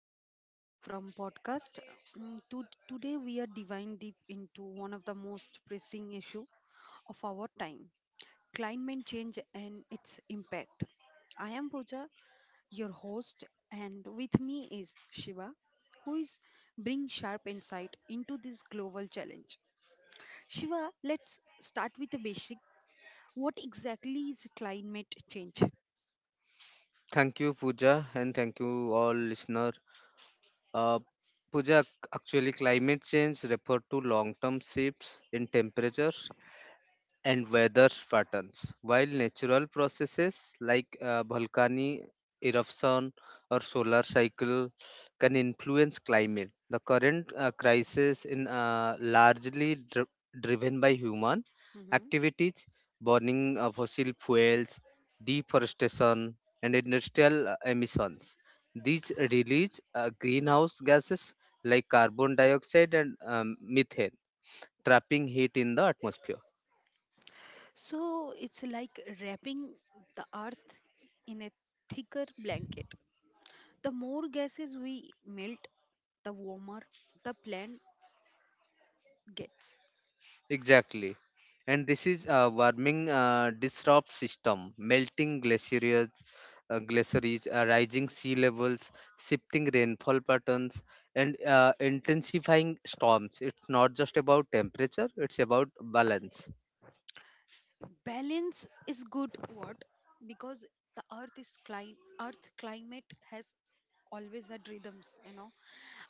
special long from podcast. Today, we are diving deep into one of the most pressing issue of our time: climate change and its impact. I am Pooja, your host, and with me is Shiva, who is bring sharp insight into this global challenge. Shiva, let's start with the basic. What exactly is climate change? Thank you, Pooja, and thank you all listener. Uh, Pooja, actually, climate change refer to long-term shifts in temperature and weather patterns. While natural processes like volcanic eruption or solar cycle can influence climate, the current crisis in largely driven by human Mm-hmm. activities, burning of fossil fuels, deforestation, and industrial emissions. These release greenhouse gases like carbon dioxide and methane, trapping heat in the atmosphere. So it's like wrapping the earth in a thicker blanket. The more gases we melt, the warmer the plant gets. Exactly. And this is a warming disrupt system, melting glaciers, rising sea levels, shifting rainfall patterns, and intensifying storms. It's not just about temperature, it's about balance. Balance is good what? Because the earth climate has always had rhythms,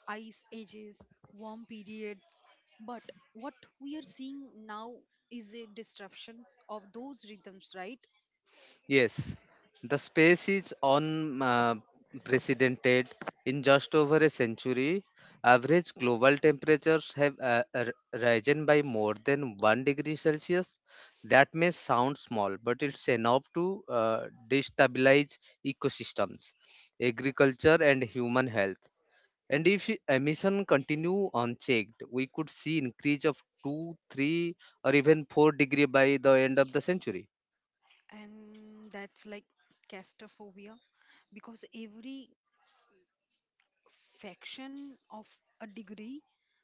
ice ages, warm periods. But what we are seeing now is a disruptions of those rhythms, right? Yes, the space is unprecedented. In just over a century, average global temperatures have risen by more than 1 degree Celsius. That may sound small, but it's enough to destabilize ecosystems, agriculture, and human health. And if emission continue unchecked, we could see increase of 2, 3, or even 4-degree by the end of the century. And that's like castrophobia because every fraction of a degree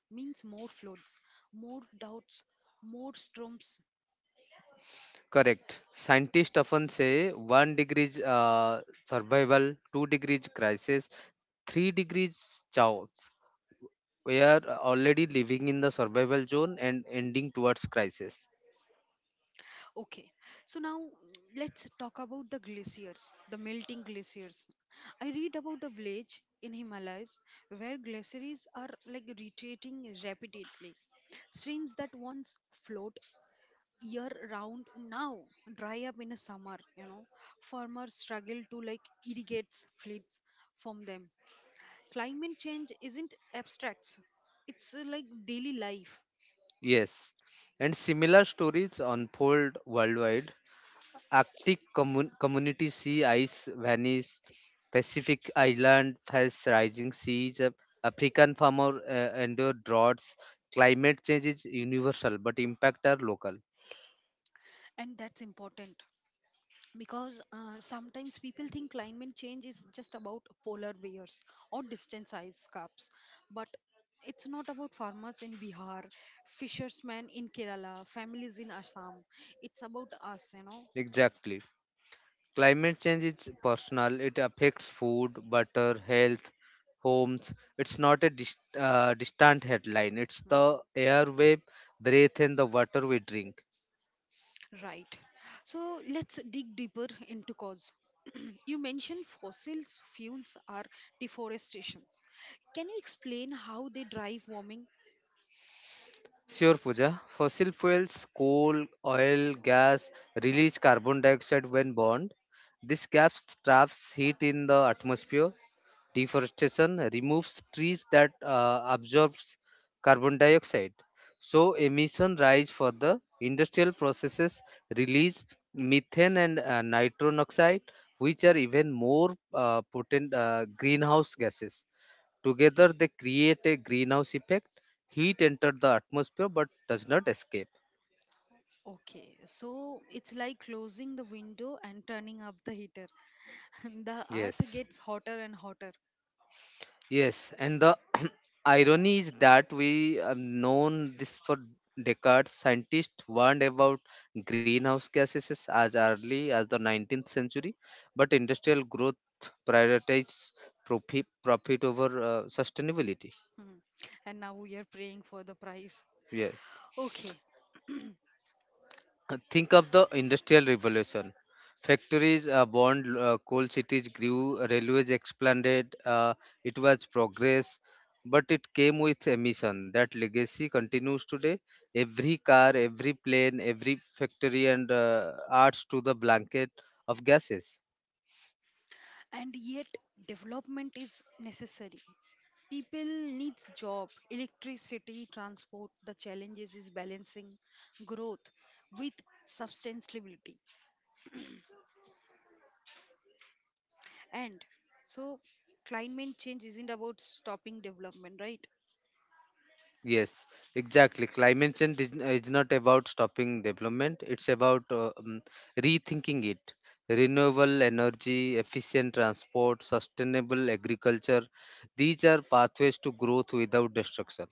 means more floods, more doubts, more storms. Correct. Scientists often say one degree survival, 2 degrees crisis, 3 degrees chaos. We are already living in the survival zone and ending towards crisis. Okay, so now, let's talk about the glaciers, the melting glaciers. I read about a village in Himalayas where glaciers are like retreating rapidly. Streams that once flowed year round now dry up in a summer, farmers struggle to like irrigate fleets from them. Climate change isn't abstracts, it's like daily life. Yes. And similar stories unfold worldwide. Arctic communities see ice vanish, Pacific island face rising seas, African farmer endure droughts. Climate change is universal, but impact are local. And that's important because sometimes people think climate change is just about polar bears or distant ice caps, but it's not about farmers in Bihar, fishermen in Kerala, families in assam it's about us you know Exactly. Climate change is personal. It affects food, water, health, homes. It's not a distant headline. It's Hmm. the air we breathe and the water we drink. Right. So let's dig deeper into cause. You mentioned fossils fuels are deforestations. Can you explain how they drive warming? Sure, Pooja. Fossil fuels, coal, oil, gas release carbon dioxide when burned. This gap traps heat in the atmosphere. Deforestation removes trees that absorbs carbon dioxide, so emission rise. For the industrial processes release methane and nitrogen oxide, which are even more potent greenhouse gases. Together they create a greenhouse effect: heat enters the atmosphere but does not escape. Okay, so it's like closing the window and turning up the heater. The earth yes gets hotter and hotter. Yes, and the irony is that we have known this for decades. Scientists warned about greenhouse gases as early as the 19th century, but industrial growth prioritized profit over sustainability. Hmm. And now we are praying for the price. Yeah. Okay, Think of the Industrial Revolution. Factories burned coal, cities grew, railways expanded. It was progress, but it came with emission. That legacy continues today. Every car, every plane, every factory and adds to the blanket of gases. and yet development is necessary. People needs job, electricity, transport. The challenges is balancing growth with sustainability. And so climate change isn't about stopping development, right? Yes, exactly. Climate change is not about stopping development, it's about rethinking it. Renewable energy, efficient transport, sustainable agriculture, these are pathways to growth without destruction.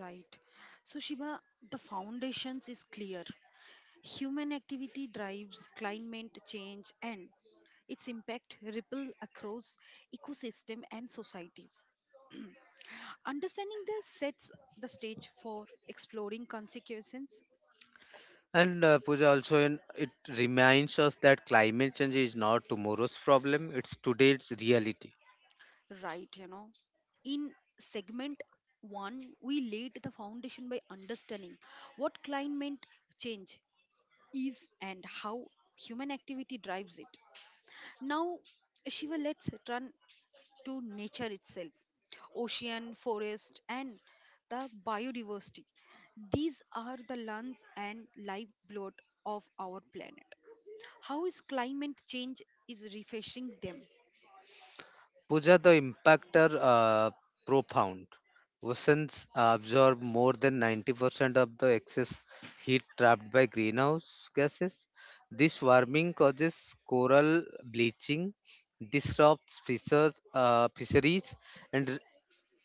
Right. So Shiba, the foundations is clear. Human activity drives climate change and its impact ripple across ecosystem and societies. Understanding this sets the stage for exploring consequences. And Pooja also, it reminds us that climate change is not tomorrow's problem, it's today's reality. Right. In segment one, we laid the foundation by understanding what climate change is and how human activity drives it. Now, Shiva, let's turn to nature itself, ocean, forest, and the biodiversity. These are the lungs and lifeblood of our planet. How is climate change is refreshing them? Pooja, the impact are profound. Oceans absorb more than 90% of the excess heat trapped by greenhouse gases. This warming causes coral bleaching, disrupts fisheries, and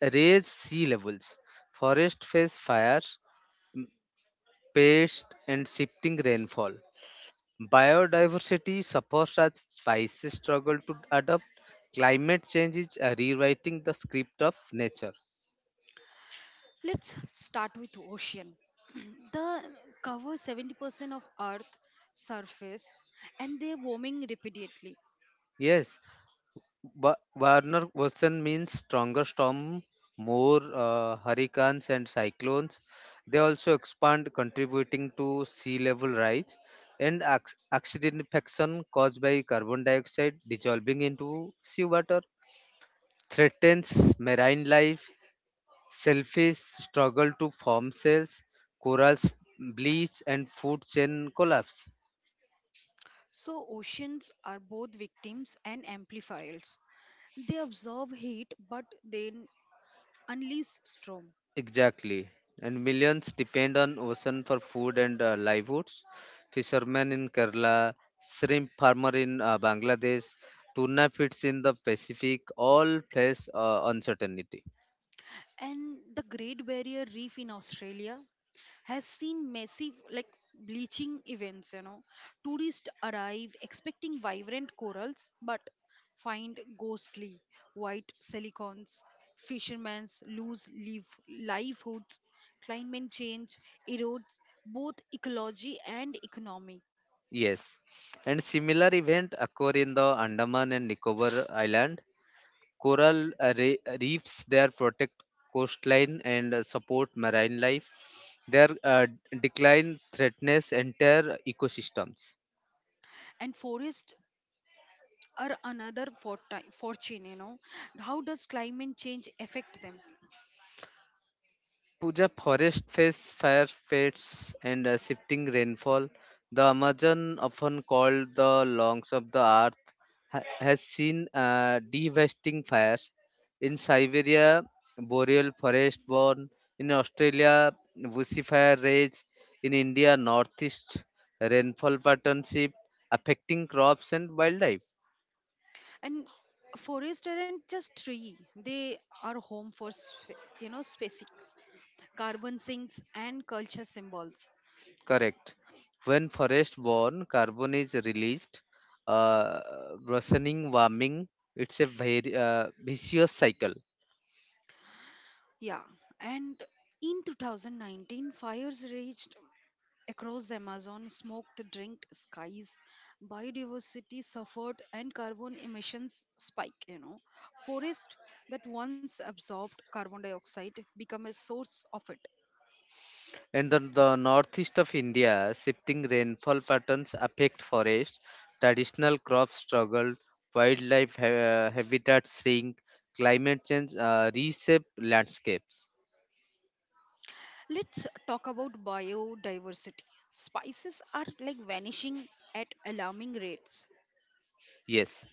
raises sea levels. Forests face fires, pests, and shifting rainfall. Biodiversity suffers as species struggle to adapt. Climate change is rewriting the script of nature. Let's start with ocean. The cover 70% of earth surface, and they're warming repeatedly. Yes, Warner version means stronger storm, more hurricanes and cyclones. They also expand, contributing to sea level rise, and acidification caused by carbon dioxide dissolving into seawater threatens marine life. Selfish struggle to form cells, corals bleach, and food chain collapse. So oceans are both victims and amplifiers. They absorb heat but then unleash storm. Exactly. And millions depend on ocean for food and livelihoods. Fishermen in Kerala, shrimp farmer in Bangladesh, tuna fish in the Pacific all face uncertainty. And the Great Barrier Reef in Australia has seen massive like bleaching events. Tourists arrive expecting vibrant corals but find ghostly white silicons. Fishermen lose livelihoods. Climate change erodes both ecology and economy. Yes. And similar event occur in the Andaman and Nicobar Island. Coral reefs there protect coastline and support marine life. Their decline threatens entire ecosystems. And forests are another fortune. How does climate change affect them? Puja, forest face fire fates and shifting rainfall. The Amazon, often called the lungs of the earth, has seen devastating fires. In Siberia, boreal forest burn. In Australia, bushy fire rage. In India, northeast rainfall pattern shift, affecting crops and wildlife. And forests aren't just tree, they are home for species, carbon sinks and culture symbols. Correct. When forest-borne carbon is released, uh, worsening warming, it's a very vicious cycle. Yeah, and in 2019 fires raged across the Amazon, smoked drinked skies, biodiversity suffered, and carbon emissions spike. Forest that once absorbed carbon dioxide become a source of it. And then the northeast of India, shifting rainfall patterns affect forest. Traditional crops struggle, wildlife habitats shrink, climate change reshape landscapes. Let's talk about biodiversity. Spices are like vanishing at alarming rates. Yes,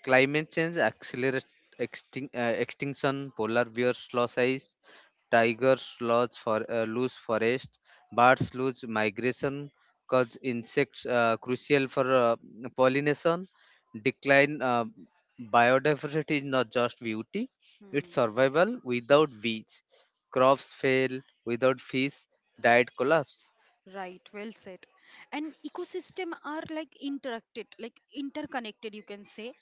climate change accelerates extinction, polar bears lose ice, tigers lose forest, birds lose migration, cause insects crucial for pollination, decline biodiversity is not just beauty, it's Hmm. survival. Without beach, crops fail, without fish, diet collapse. Right, well said. And ecosystem are like interacted, like interconnected, you can say.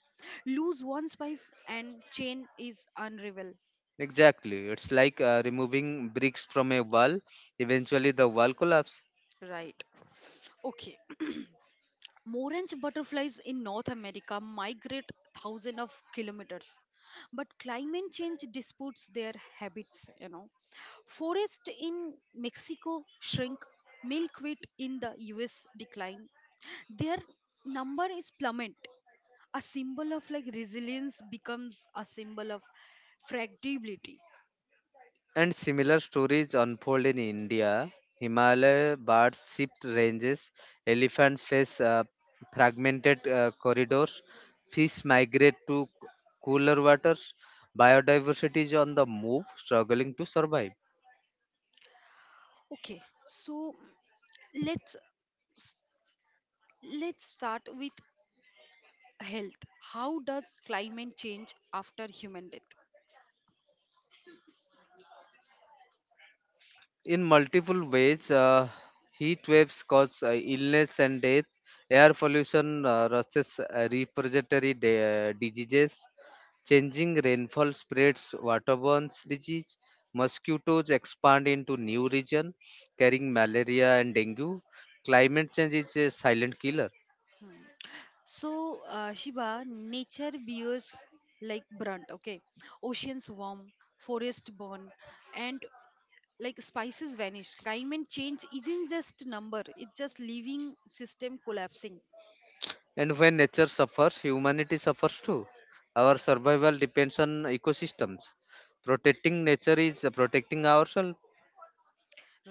Lose one spice and chain is unravel. Exactly. It's like removing bricks from a wall. Eventually, the wall collapses. Right. Okay. Orange butterflies in North America migrate thousands of kilometers, but climate change disputes their habits. Forests in Mexico shrink, milkweed in the U.S. decline. Their number is plummet. A symbol of like resilience becomes a symbol of fragility. And similar stories unfold in India. Himalaya bars shift ranges, elephants face fragmented corridors, fish migrate to cooler waters, biodiversity is on the move, struggling to survive. Okay, so let's let's start with health. How does climate change after human death? In multiple ways. Heat waves cause illness and death. Air pollution raises respiratory diseases. Changing rainfall spreads waterborne disease. Mosquitoes expand into new region, carrying malaria and dengue. Climate change is a silent killer. So, Shiba, nature bears like brunt, okay? Oceans warm, forest burn, and like spices vanish. Climate change isn't just number, it's just living system collapsing, And when nature suffers, humanity suffers too. Our survival depends on ecosystems. Protecting nature is protecting ourselves.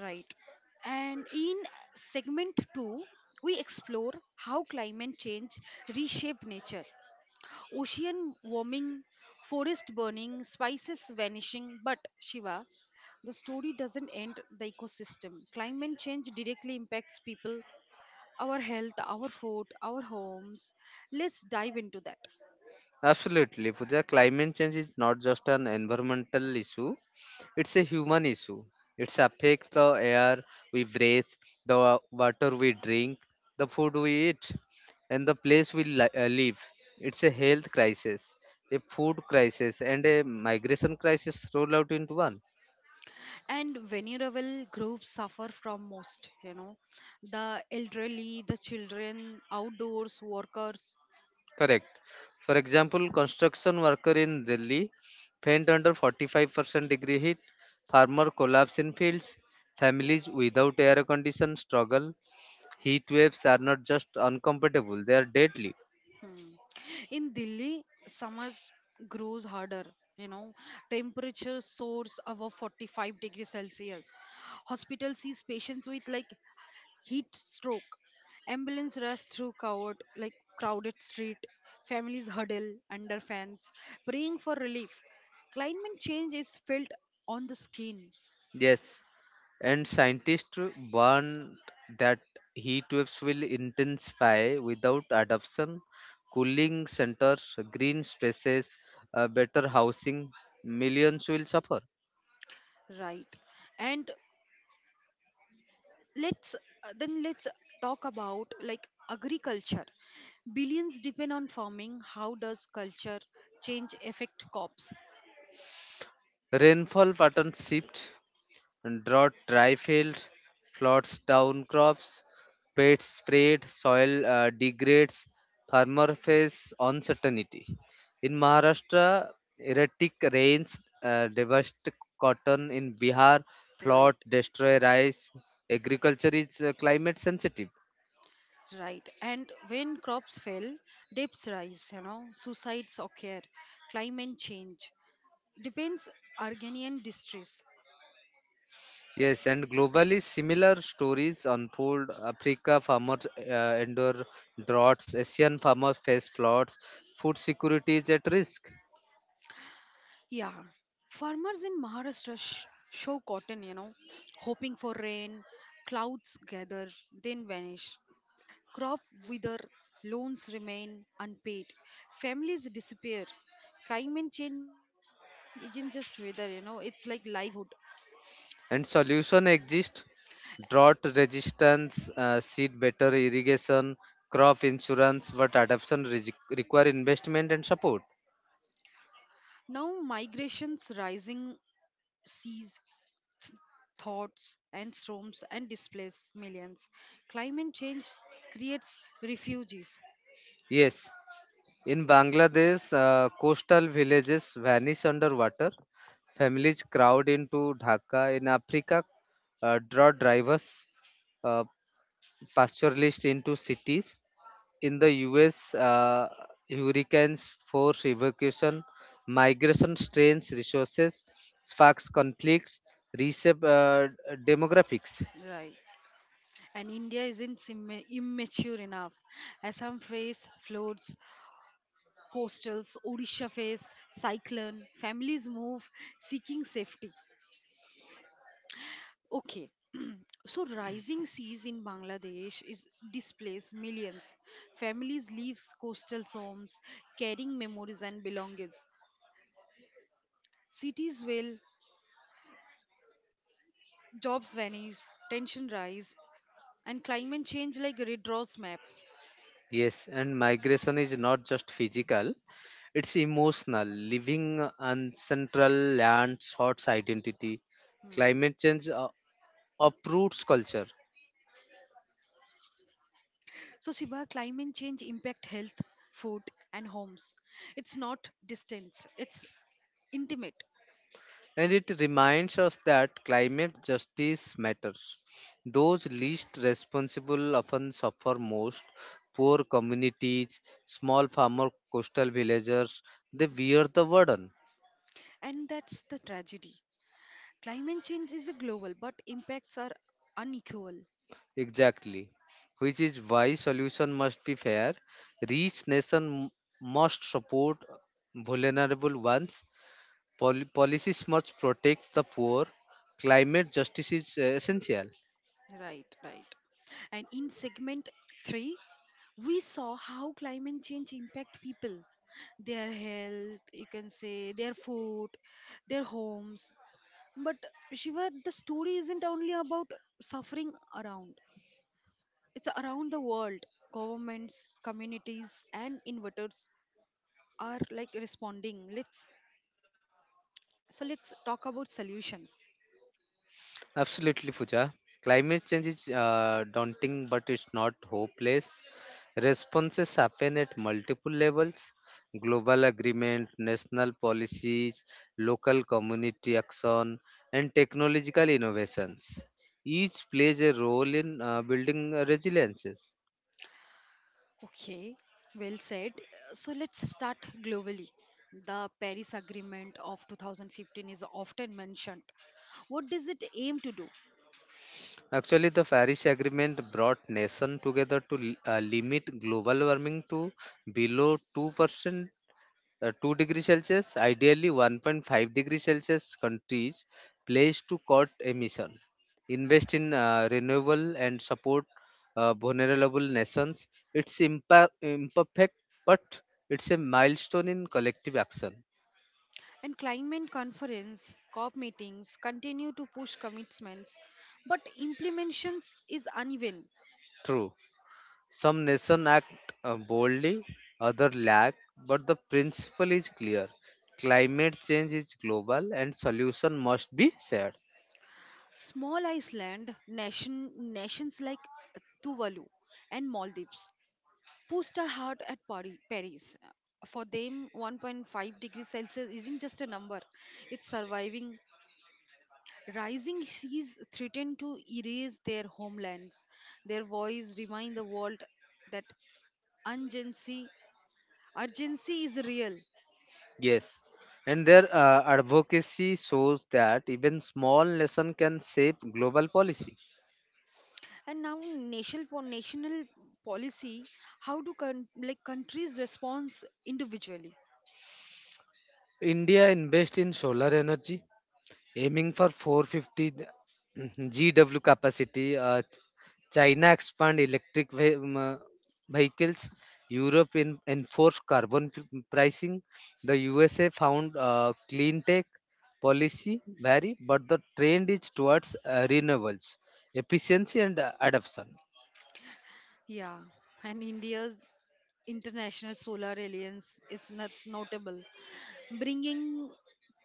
right? And in segment two, we explore how climate change reshape nature, ocean warming, forest burning, spices vanishing. But Shiva, the story doesn't end the ecosystem. Climate change directly impacts people, our health, our food, our homes. Let's dive into that. Absolutely, Pooja. Climate change is not just an environmental issue, it's a human issue. It affects the air we breathe, the water we drink, the food we eat, and the place we live. It's a health crisis, a food crisis, and a migration crisis rolled out into one. And vulnerable groups suffer from most, the elderly, the children, outdoors, workers. Correct. For example, construction worker in Delhi faint under 45% degree heat, farmer collapse in fields, families without air condition struggle. Heat waves are not just uncomfortable, they are deadly. Hmm. In Delhi, summers grows harder. You know, temperature soars above 45 degrees Celsius. Hospital sees patients with like heat stroke. Ambulance rush through covered like crowded street. Families huddle under fans, praying for relief. Climate change is felt on the skin, Yes. And scientists warn that heat waves will intensify without adoption, cooling centers, green spaces, better housing, millions will suffer. right? And let's talk about like agriculture. Billions depend on farming. How does culture change affect crops? Rainfall pattern shift, drought dry fields, floods down crops, pests spread, soil degrades, farmer face uncertainty. In Maharashtra, erratic rains devastate cotton. In Bihar, flood Right. destroy rice. Agriculture is climate sensitive. Right. And when crops fail, debts rise, suicides occur. Climate change depends Argonian distress. Yes, and globally similar stories unfold. Africa farmers endure droughts. Asian farmers face floods. Food security is at risk. Yeah, farmers in Maharashtra show cotton, hoping for rain. Clouds gather, then vanish. Crop wither, loans remain unpaid, families disappear. Climate change isn't just weather, it's like livelihood. And solution exist, drought resistance seed, better irrigation, crop insurance, but adoption require investment and support. Now, migrations rising seas, th- thoughts, and storms and displace millions. Climate change creates refugees. Yes, in Bangladesh, coastal villages vanish under water, families crowd into Dhaka. In Africa, drought drivers uh, pastoralists into cities. In the US, hurricanes force evacuation, migration strains resources, sparks conflicts, reshape demographics. Right, and India isn't immature enough. Assam face floods, coastals, Odisha face cyclone, families move seeking safety. Okay, so, rising seas in Bangladesh is displace millions. Families leave coastal homes, carrying memories and belongings. Cities will, jobs vanish, tension rise, and climate change like redraws maps. Yes, and migration is not just physical, it's emotional. Living on central land sorts identity. Hmm. Climate change uproots culture. So, Shiba, climate change impact health, food, and homes. It's not distance; it's intimate, And it reminds us that climate justice matters. Those least responsible often suffer most. Poor communities, small farmer, coastal villagers, they bear the burden. and that's the tragedy. Climate change is a global, but impacts are unequal. Exactly. Which is why solution must be fair. Rich nation must support vulnerable ones. Policies must protect the poor. Climate justice is essential. Right, right. And in segment three, we saw how climate change impact people, their health, you can say their food, their homes. But Shiva, the story isn't only about suffering around. It's around the world. Governments, communities, and inverters are like responding. Let's so let's talk about solution. Absolutely, Pooja. Climate change is daunting, but it's not hopeless. Responses happen at multiple levels: global agreement, national policies, local community action, and technological innovations. Each plays a role in building resiliences. Okay, well said. So let's start globally. The Paris Agreement of 2015 is often mentioned. What does it aim to do? Actually, the Paris Agreement brought nations together to limit global warming to below 2% 2-degree Celsius, ideally 1.5-degree Celsius. Countries pledge to cut emission, invest in renewable, and support vulnerable nations. It's imperfect, but it's a milestone in collective action. And climate conference, COP meetings continue to push commitments, but implementations is uneven. True, some nations act boldly, others lag, but the principle is clear: climate change is global and solution must be shared. Small Iceland nation, nations like Tuvalu and Maldives pushed are hard at Paris. For them, 1.5 degrees Celsius isn't just a number; it's surviving rising seas threaten to erase their homelands. Their voice remind the world that urgency, urgency is real. Yes, and their advocacy shows that even small nation can shape global policy. And now, national for national policy, how do like countries respond individually? India invests in solar energy, aiming for 450 GW capacity. China expand electric vehicles. Europe enforce carbon pricing. The USA found clean tech policy vary, but the trend is towards renewables, efficiency, and adoption. Yeah, and India's international solar alliance is not notable, bringing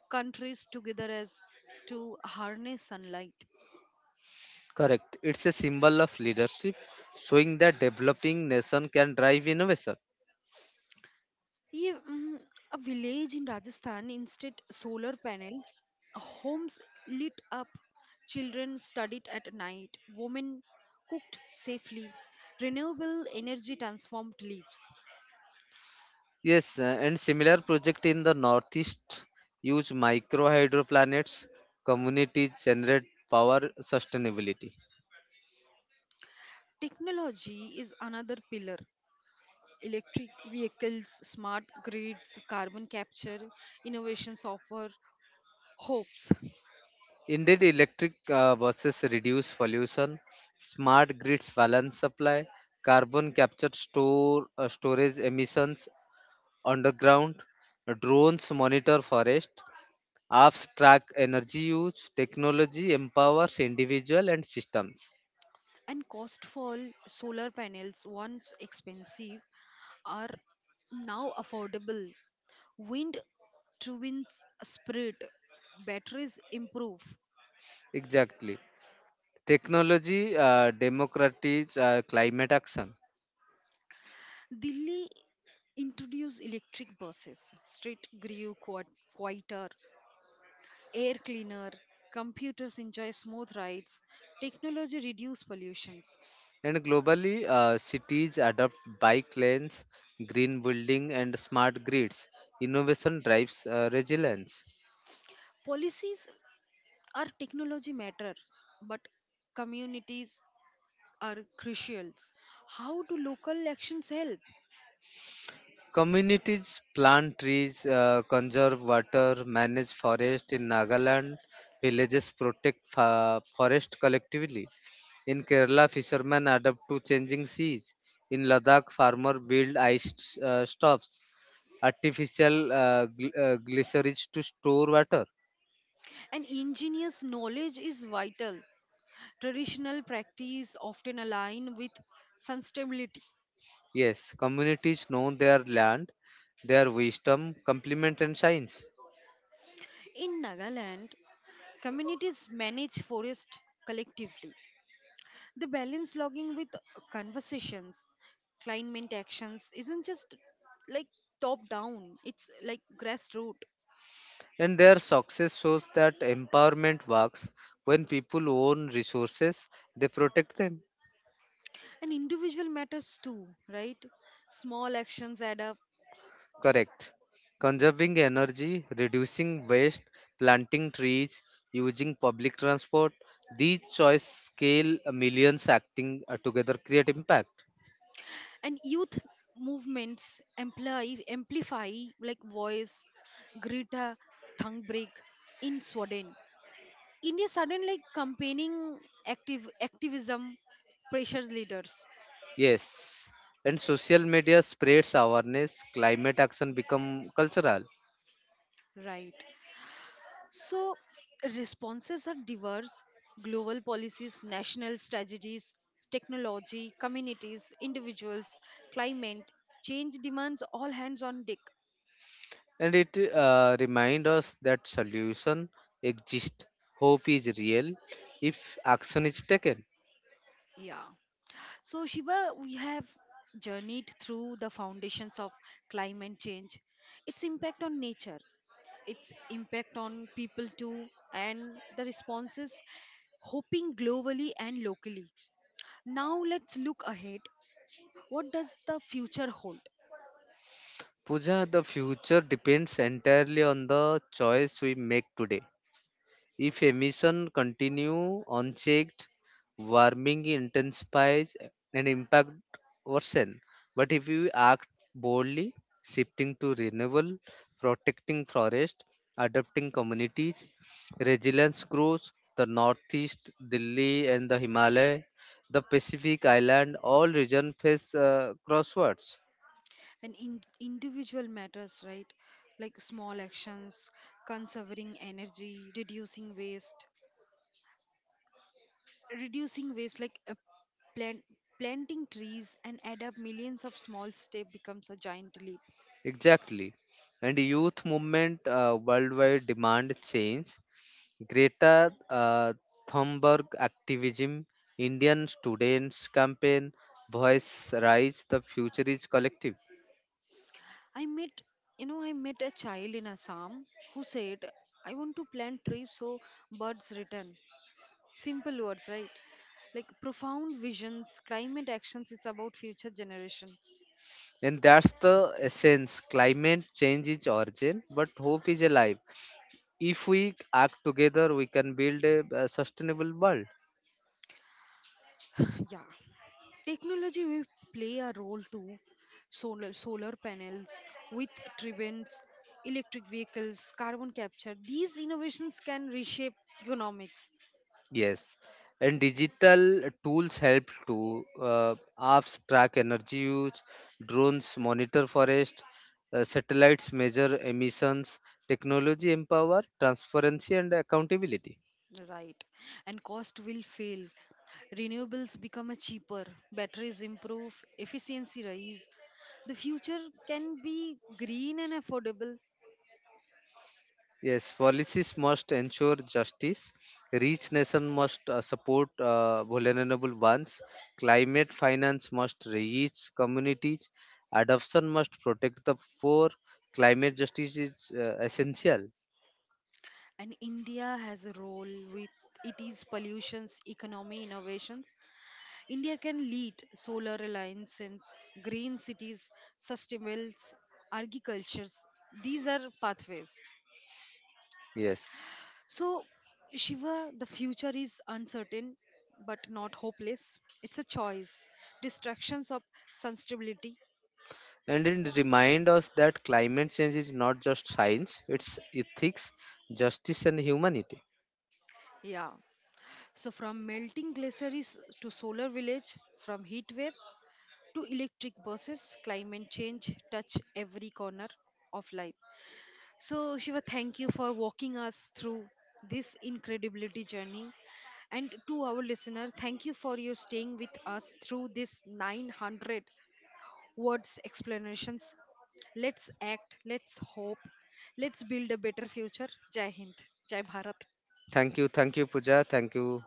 countries together as to harness sunlight. Correct. It's a symbol of leadership, showing that developing nation can drive innovation. Yeah, a village in Rajasthan instead solar panels, homes lit up, children studied at night, women cooked safely, renewable energy transformed lives. Yes, and similar project in the northeast use micro hydroplanets, communities generate power sustainability. Technology is another pillar. Electric vehicles, smart grids, carbon capture, innovations offer hopes. Indeed, electric buses reduce pollution, smart grids balance supply, carbon capture store storage emissions underground, drones monitor forest, Apps track energy use, technology empowers individual and systems. And cost for solar panels, once expensive, are now affordable. Wind turbines spread, batteries improve. Exactly. Technology democratizes climate action. Delhi introduce electric buses, street grew quite quieter, air cleaner, computers enjoy smooth rides, technology reduce pollutions. And globally, cities adopt bike lanes, green building, and smart grids. Innovation drives resilience. Policies are technology matter, but communities are crucial. How do local actions help? Communities plant trees, conserve water, manage forest. In Nagaland, villages protect forest collectively. In Kerala, fishermen adapt to changing seas. In Ladakh, farmers build ice stops, artificial glaciers to store water. And engineers' knowledge is vital. Traditional practice often align with sustainability. Yes, communities know their land, their wisdom, complement, and science. In Nagaland, communities manage forest collectively. The balance logging with conversations. Climate actions isn't just like top down, it's like grassroots. And their success shows that empowerment works when people own resources, they protect them. And individual matters too, right? Small actions add up. Correct. Conserving energy, reducing waste, planting trees, using public transport, these choice scale millions acting together create impact. And youth movements amplify like voice, Greta Thunberg in Sweden, India sudden like campaigning active activism pressures leaders, Yes. And social media spreads awareness, climate action become cultural. right? So responses are diverse, global policies, national strategies, technology, communities, individuals, climate, change demands all hands on deck. And it reminds us that solution exists. Hope is real if action is taken. Yeah. So, Shiva, we have journeyed through the foundations of climate change, its impact on nature, its impact on people too, and the responses hoping globally and locally. Now let's look ahead, what does the future hold? Puja, the future depends entirely on the choice we make today. If emission continue unchecked, warming intensifies and impact worsen. But if we act boldly, shifting to renewable, protecting forest, adapting communities, resilience grows. The northeast, Delhi and the Himalaya, the Pacific Island, all region face crosswords. And in individual matters, right? Like small actions, conserving energy, reducing waste, like a plant planting trees, and add up. Millions of small steps becomes a giant leap. Exactly. And youth movement worldwide demand change. Greta Thunberg activism, Indian students campaign, voice rise, the future is collective. I met, I met a child in Assam who said, I want to plant trees so birds return. Simple words, right? Like profound visions, climate actions, it's about future generation. And that's the essence. Climate change is urgent, but hope is alive. If we act together, we can build a sustainable world. Yeah. Technology will play a role too. Solar panels, with turbines, electric vehicles, carbon capture. These innovations can reshape economics. Yes, and digital tools help to. Apps track energy use, drones monitor forest, satellites measure emissions. Technology empower transparency and accountability. Right. And cost will fail. Renewables become a cheaper, batteries improve, efficiency rise. The future can be green and affordable. Yes, policies must ensure justice. Rich nation must support vulnerable ones. Climate finance must reach communities. Adoption must protect the poor. Climate justice is essential. And India has a role with it is pollutions, economy, innovations. India can lead solar alliances, green cities, sustainable agricultures. These are pathways. Yes. So, Shiva, the future is uncertain but not hopeless. It's a choice. Distractions of sustainability. And it reminds us that climate change is not just science, it's ethics, justice, and humanity. Yeah. So, from melting glaciers to solar village, from heat wave to electric buses, climate change touch every corner of life. So, Shiva, thank you for walking us through this incredibility journey. And to our listener, thank you for your staying with us through this 900 words explanations. Let's act, let's hope, let's build a better future. Jai Hind, Jai Bharat. Thank you, Pooja. Thank you,